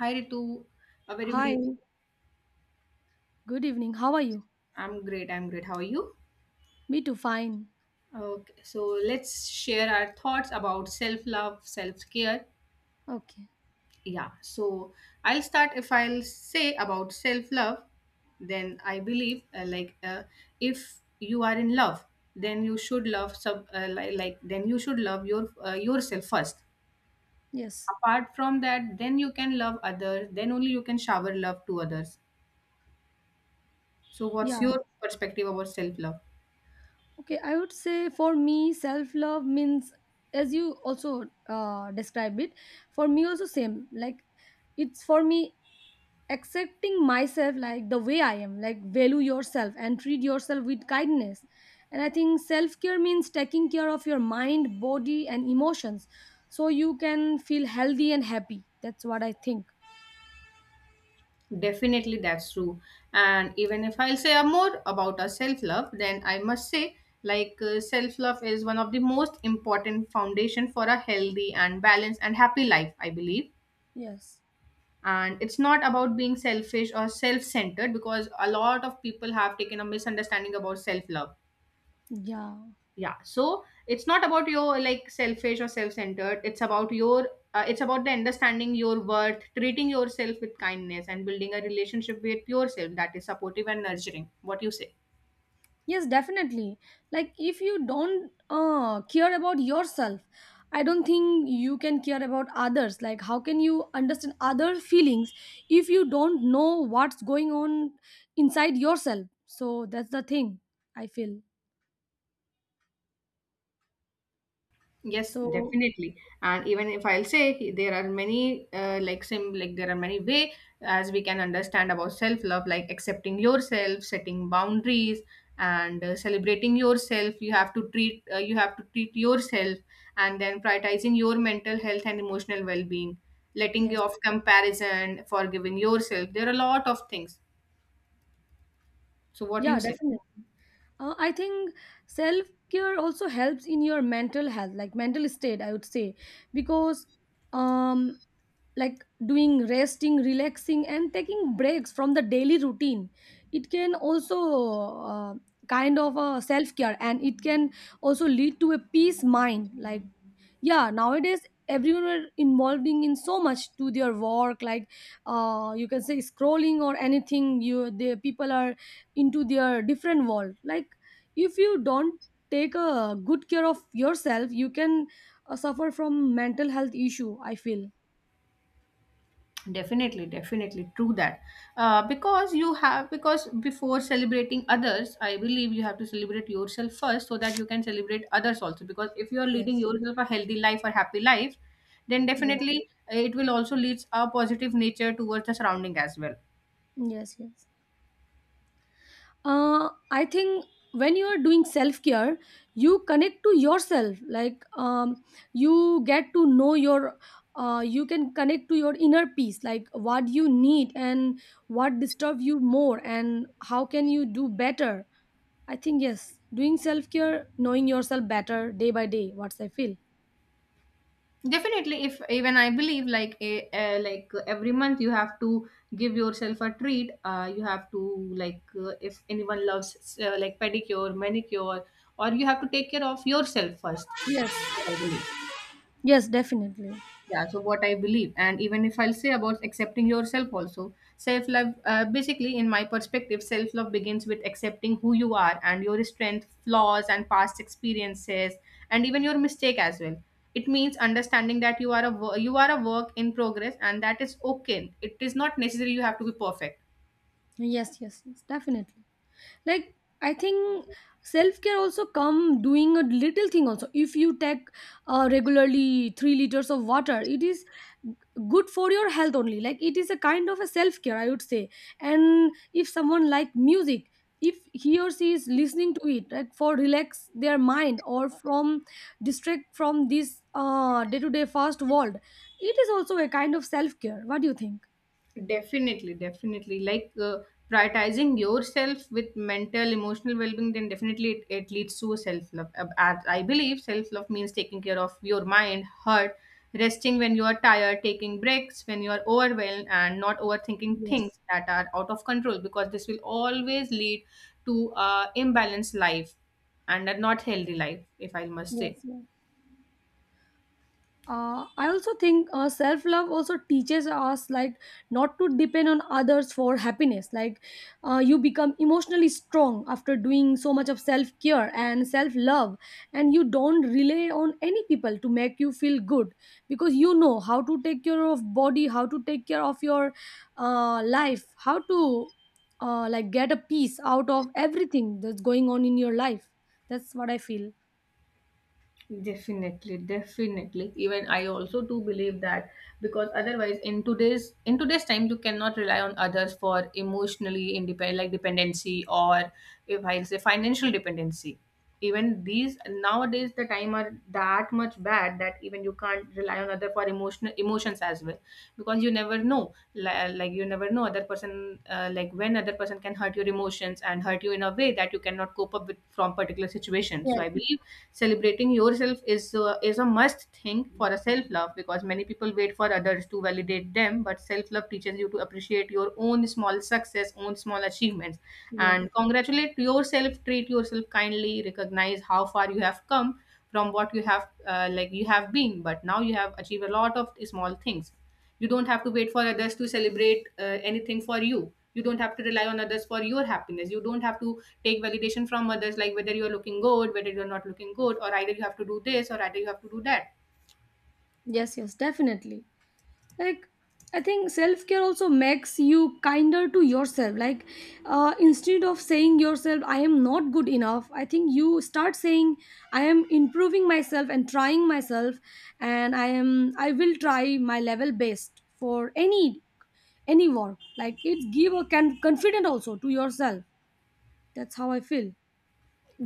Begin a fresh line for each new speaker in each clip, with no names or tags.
Hi Ritu, a very good
Hi,
evening.
good evening. How are you?
I'm great. I'm great. How are you?
Me too, fine.
Okay, so let's share our thoughts about self-love, self-care.
Okay,
Yeah. So I'll start. If I'll say about self-love, then I believe if you are in love, then you should love sub like then you should love your yourself first.
yes.
Apart from that, then you can love others. Then only you can shower love to others. So
Yeah,
what's your perspective about self-love?
okay. I would say for me, self love means, as you also describe it, for me also same. Like, it's for me accepting myself like the way I am, like, value yourself and treat yourself with kindness. And I think self care means taking care of your mind, body, and emotions so you can feel healthy and happy. That's what I think.
Definitely, that's true. And even if I'll say a more about our self love, then I must say, like self love is one of the most important foundation for a healthy and balanced and happy life, I believe.
Yes.
And it's not about being selfish or self centered, because a lot of people have taken a misunderstanding about self love.
Yeah.
Yeah, so it's not about your like selfish or self-centered, it's about your it's about the understanding your worth, treating yourself with kindness and building a relationship with yourself that is supportive and nurturing. What you say?
Yes, definitely. Like, if you don't care about yourself, I don't think you can care about others. Like, how can you understand other feelings if you don't know what's going on inside yourself? So, that's the thing I feel.
Yes,
So,
definitely. And even if I'll say there are many like sim like there are many way as we can understand about self love, like accepting yourself, setting boundaries, and celebrating yourself. You have to treat yourself, and then prioritizing your mental health and emotional well being, letting
yes.
go of comparison, forgiving yourself. There are a lot of things. So what do
Yeah,
you say?
definitely. I think self care also helps in your mental health, like mental state, I would say, because um, like doing resting, relaxing, and taking breaks from the daily routine, it can also kind of a self care, and it can also lead to a peace mind. Like, yeah, nowadays everyone were involving in so much to their work like you can say scrolling or anything you the people are into their different world. Like, if you don't take a good care of yourself you can suffer from mental health issue, I feel.
Definitely, definitely true that, because you have because before celebrating others, I believe you have to celebrate yourself first, so that you can celebrate others also, because if you are leading
Yes,
yourself a healthy life or happy life, then
yes,
definitely it will also leads a positive nature towards the surrounding as well.
yes, yes, I think when you are doing self care you connect to yourself like you get to know your you can connect to your inner peace, like what you need and what disturbs you more and how can you do better. I think yes, doing self care, knowing yourself better day by day, what's I feel.
Definitely, if even I believe, like a, like every month you have to give yourself a treat. You have to, if anyone loves, like pedicure, manicure, or you have to take care of yourself first, what
Yes,
I believe.
yes, definitely.
Yeah, so what I believe, and even if I'll say about accepting yourself also, self love, basically, in my perspective, self love begins with accepting who you are and your strength, flaws, and past experiences, and even your mistake as well. It means understanding that you are you are a work in progress, and that is okay. It is not necessary you have to be perfect.
Yes, yes, yes, definitely, like I think self-care also come doing a little thing also. If you take regularly 3 liters of water, it is g- good for your health only. Like, it is a kind of a self-care, I would say. And if someone like music, if he or she is listening to it like for relax their mind or from distract from this day-to-day fast world, it is also a kind of self-care. What do you think?
Definitely, definitely, prioritizing yourself with mental emotional well-being, then definitely it leads to self-love. I believe self-love means taking care of your mind, heart, resting when you are tired, taking breaks when you are overwhelmed, and not overthinking
Yes.
things that are out of control, because this will always lead to a imbalanced life and a not healthy life, if I must
Yes.
say.
Yes. I also think self love also teaches us like not to depend on others for happiness. Like, you become emotionally strong after doing so much of self care and self love, and you don't rely on any people to make you feel good, because you know how to take care of body, how to take care of your life, how to like get a piece out of everything that's going on in your life. That's what I feel.
Definitely, definitely, even I also do believe that, because otherwise in today's time you cannot rely on others for emotionally independent, like dependency, or if I'll say financial dependency. Even these nowadays, the time are that much bad that even you can't rely on other for emotional emotions as well, because you never know, like you never know other person, like when other person can hurt your emotions and hurt you in a way that you cannot cope up with from particular situation. So
Yes,
I believe celebrating yourself is a must thing for a self love, because many people wait for others to validate them, but self love teaches you to appreciate your own small success, own small achievements,
yes.
and congratulate yourself, treat yourself kindly, recognize how far you have come from what you have, like you have been, but now you have achieved a lot of small things. You don't have to wait for others to celebrate anything for you. You don't have to rely on others for your happiness. You don't have to take validation from others, like whether you're looking good, whether you're not looking good, or either you have to do this or either you have to do that.
Yes, yes, definitely, like I think self-care also makes you kinder to yourself. Like, instead of saying yourself I am not good enough, I think you start saying I am improving myself and trying myself, and I am, I will try my level best for any any work. Like, it give a can confident also to yourself. That's how I feel.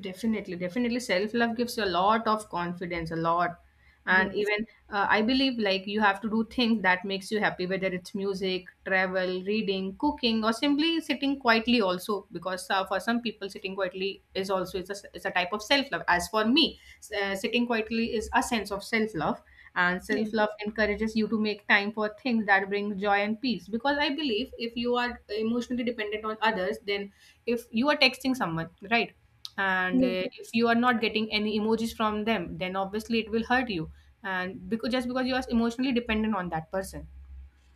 Definitely, definitely. Self love gives you a lot of confidence, a lot. And
Yes,
even I believe like you have to do things that makes you happy, whether it's music, travel, reading, cooking, or simply sitting quietly also, because for some people sitting quietly is also, it's a type of self love. As for me, sitting quietly is a sense of self love, and
yes,
self love encourages you to make time for things that bring joy and peace. Because I believe if you are emotionally dependent on others, then if you are texting someone, right? And
yes,
if you are not getting any emojis from them, then obviously it will hurt you, and because just because you are emotionally dependent on that person.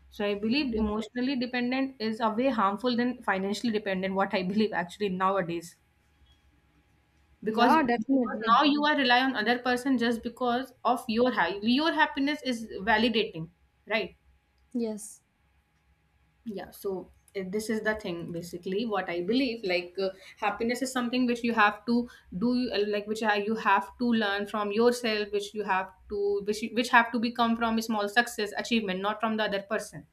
So I believe
yes.
emotionally dependent is a way harmful than financially dependent, what I believe, actually, nowadays. because
Yeah,
because
definitely.
now you are relying on other person, just because of your happiness is validating, right?
Yes.
Yeah, so this is the thing basically, what I believe, happiness is something which you have to do, you have to learn from yourself, which have to be come from a small success achievement, not from the other person.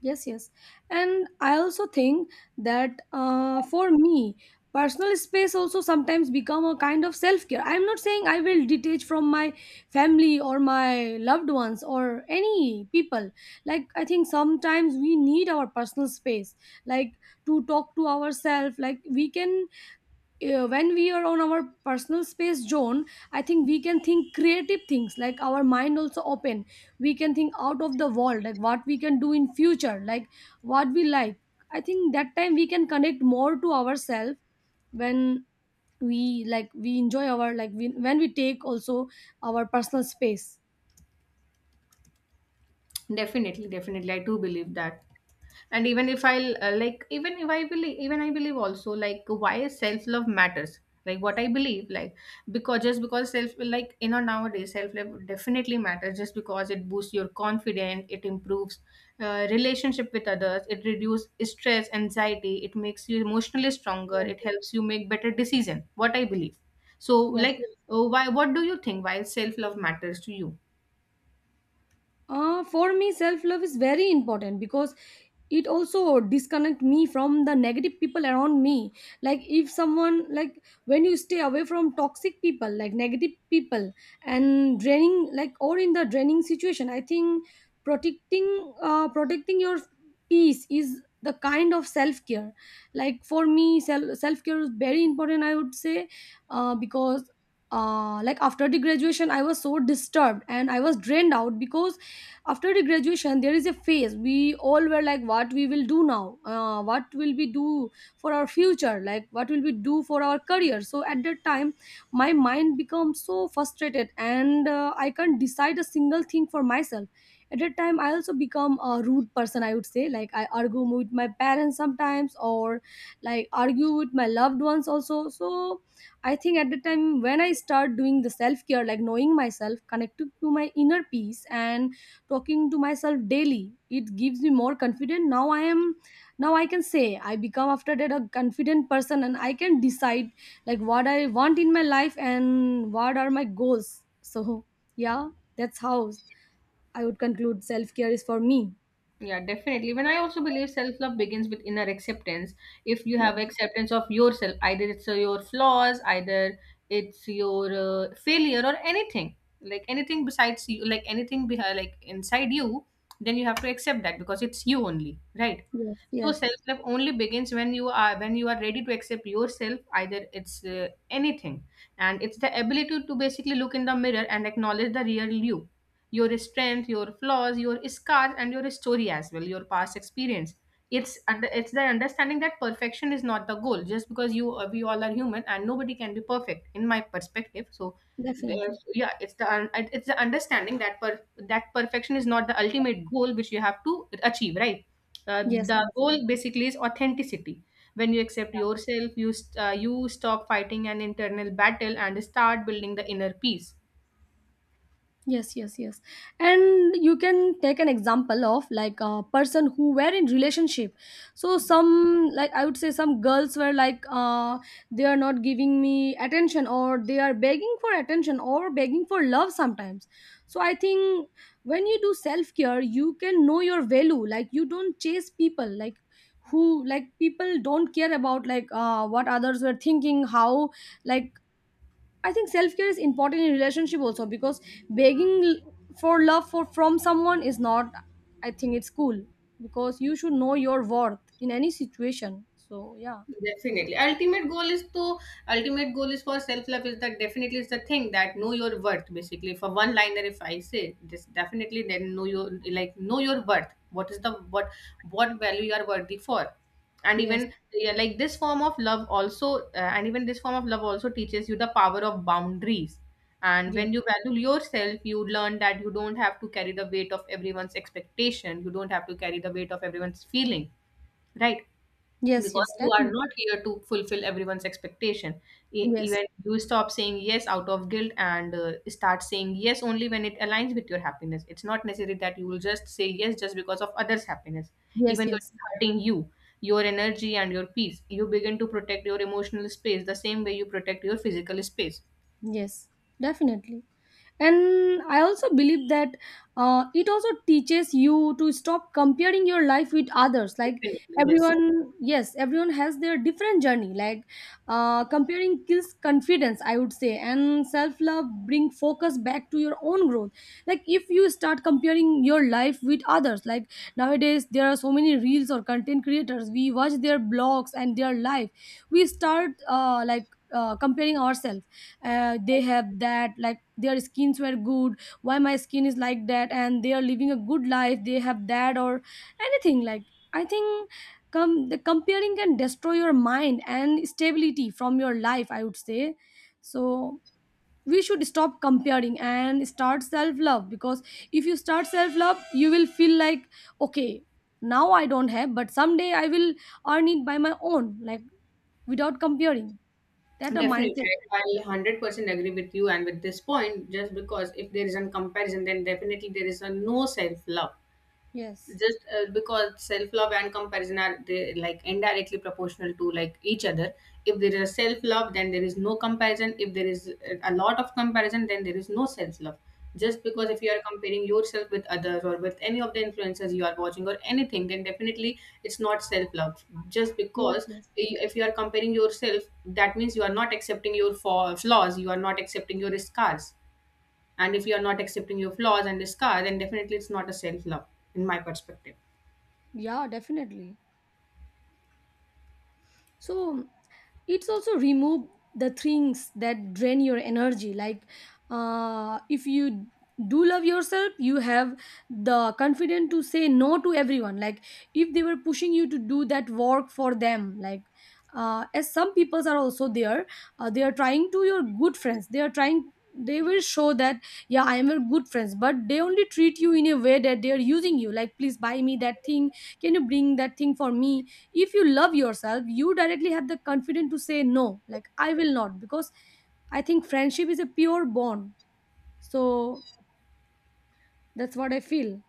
Yes, yes. And I also think that for me, personal space also sometimes become a kind of self-care. I'm not saying I will detach from my family or my loved ones or any people. Like, I think sometimes we need our personal space, like to talk to ourselves. Like we can when we are on our personal space zone I think we can think creative things, like our mind also open. We can think out of the world, like what we can do in future, like what we like. I think that time we can connect more to ourselves when we like we enjoy our like we, when we take also our personal space.
Definitely, definitely, I do believe that. And even if I'll like, even if I believe, even I believe also, like why self love matters. Like what I believe, like because just because self like you know nowadays self love definitely matters. Just because it boosts your confidence, it improves relationship with others, it reduces stress, anxiety, it makes you emotionally stronger,
Yes.
it helps you make better decision. What I believe. So,
Yes.
like, why? What do you think? Why self love matters to you?
For me self love is very important because it also disconnect me from the negative people around me. Like, if someone like, when you stay away from toxic people, like negative people and draining, like or in the draining situation, I think protecting protecting your peace is the kind of self care. Like for me self care is very important, I would say. Because like after the graduation I was so disturbed and I was drained out, because after the graduation there is a phase we all were like what we will do now, what will we do for our future, like what will we do for our career. So at that time my mind becomes so frustrated and I can't decide a single thing for myself. At that time I also become a rude person, I would say. Like I argue with my parents sometimes or like argue with my loved ones also. So I think at the time when I start doing the self care, like knowing myself, connected to my inner peace, and talking to myself daily, it gives me more confidence. Now I am, now I can say I become after that a confident person, and I can decide like what I want in my life and what are my goals. So yeah, that's how I would conclude self-care is for me.
Yeah, definitely. When I also believe self love begins with inner acceptance. If you have
Yes,
acceptance of yourself, either it's your flaws, either it's your failure or anything, like anything besides you, like anything behind, like inside you, then you have to accept that, because it's you only, right?
yes,
So
yes,
self-love only begins when you are ready to accept yourself, either it's anything, and it's the ability to basically look in the mirror and acknowledge the real you, your strength, your flaws, your scars, and your story as well, your past experience. It's the understanding that perfection is not the goal. Just because you we all are human and nobody can be perfect, in my perspective. So
definitely,
it's the understanding that that perfection is not the ultimate goal which you have to achieve, right? uh,
yes,
the
yes.
goal basically is authenticity. When you accept yourself, you stop fighting an internal battle and start building the inner peace.
Yes, yes, yes. And you can take an example of like a person who were in relationship. So some like I would say some girls were like they are not giving me attention, or they are begging for attention or begging for love sometimes. So I think when you do self-care, you can know your value. Like, you don't chase people like who like people don't care about like what others were thinking, how like I think self care is important in relationship also because begging for love for from someone is not. I think it's cool because you should know your worth in any situation. So yeah,
Definitely. Ultimate goal is, for self love, is that, definitely, is the thing that know your worth, basically. For one liner, if I say this, definitely, then know your, like know your worth. What is the what value you are worthy for? And
yes,
even, yeah, like this form of love also teaches you the power of boundaries. And
yes,
when you value yourself, you learn that you don't have to carry the weight of everyone's expectation. You don't have to carry the weight of everyone's feeling. Right?
yes,
Because
yes,
you are
definitely,
not here to fulfill everyone's expectation.
yes,
Even you stop saying yes out of guilt and start saying yes only when it aligns with your happiness. It's not necessary that you will just say yes just because of others happiness,
yes,
even though
yes,
it's hurting you, your energy and your peace. You begin to protect your emotional space the same way you protect your physical space.
yes, definitely. And I also believe that it also teaches you to stop comparing your life with others. Like
Definitely, yes.
everyone, yes, everyone has their different journey. Like comparing kills confidence, I would say, and self love bring focus back to your own growth. Like if you start comparing your life with others like, nowadays there are so many reels or content creators, we watch their blogs and their life. We start like comparing ourselves. They have that like their skins were good, why my skin is like that, and they are living a good life, they have that or anything. Like I think the comparing can destroy your mind and stability from your life, I would say. So we should stop comparing and start self love, because if you start self love you will feel like okay, now I don't have but someday I will earn it by my own, like without comparing. That a
Definitely,
mindset.
I'll 100% agree with you and with this point. Just because if there is a comparison, then definitely there is a no self love.
Yes,
Just because self love and comparison are, they, like indirectly proportional to like each other. If there is a self love, then there is no comparison. If there is a lot of comparison, then there is no self love, just because,
yes.
if you are comparing yourself with others or with any of the influencers you are watching or anything, then definitely it's not self love. Just
Yes,
because,
yes.
if you are comparing yourself, that means you are not accepting your flaws, you are not accepting your scars, and if you are not accepting your flaws and scars, then definitely it's not a self love, in my perspective.
Yeah, definitely. So it's also remove the things that drain your energy. Like if you do love yourself you have the confidence to say no to everyone. Like if they were pushing you to do that work for them, like as some peoples are also there, they are trying to your good friends, they are trying, they will show that yeah I am your good friends, but they only treat you in a way that they are using you like please buy me that thing, can you bring that thing for me. If you love yourself you directly have the confidence to say no, like I will not, because I think friendship is a pure bond. So that's what I feel.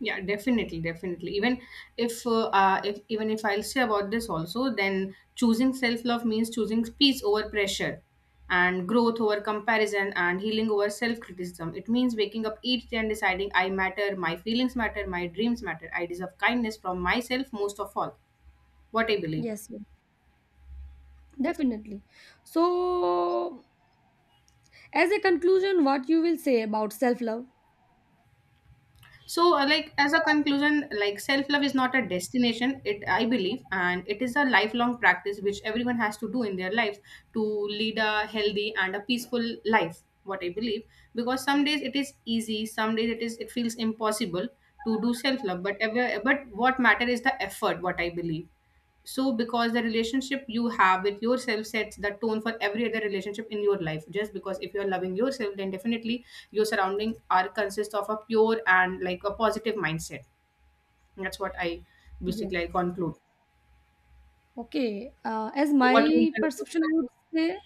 Yeah, definitely, definitely. Even if I'll say about this also, then choosing self-love means choosing peace over pressure, and growth over comparison, and healing over self-criticism. It means waking up each day and deciding I matter, my feelings matter, my dreams matter, I deserve kindness from myself most of all. What I believe.
Yes, yes, definitely. So as a conclusion what you will say about self love?
So, like, as a conclusion, like self love is not a destination, it, I believe, and it is a lifelong practice which everyone has to do in their life to lead a healthy and a peaceful life, what I believe. Because some days it is easy, some days it feels impossible to do self love, but ever but what matter is the effort, what I believe. So, because the relationship you have with yourself sets the tone for every other relationship in your life, just because, if you're loving yourself, then definitely your surrounding are consist of a pure and like a positive mindset. That's what I,
Yeah,
basically I conclude.
okay, as
So, what you
my
conclude?
perception I would say.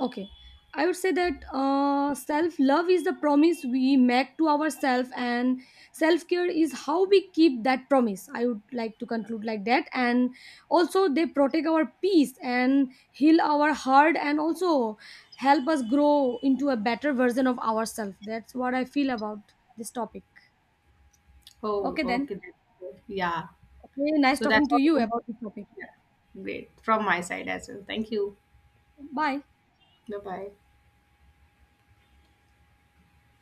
Okay, I would say that self love is the promise we make to ourselves, and self care is how we keep that promise. I would like to conclude like that, and also they protect our peace and heal our heart, and also help us grow into a better version of ourselves. That's what I feel about this topic.
Oh,
Okay, then.
okay, that's good. Yeah.
Okay, nice
So
talking
that's
to you
all.
about this topic.
Yeah. Great from my side as well, thank you.
Bye.
Bye bye.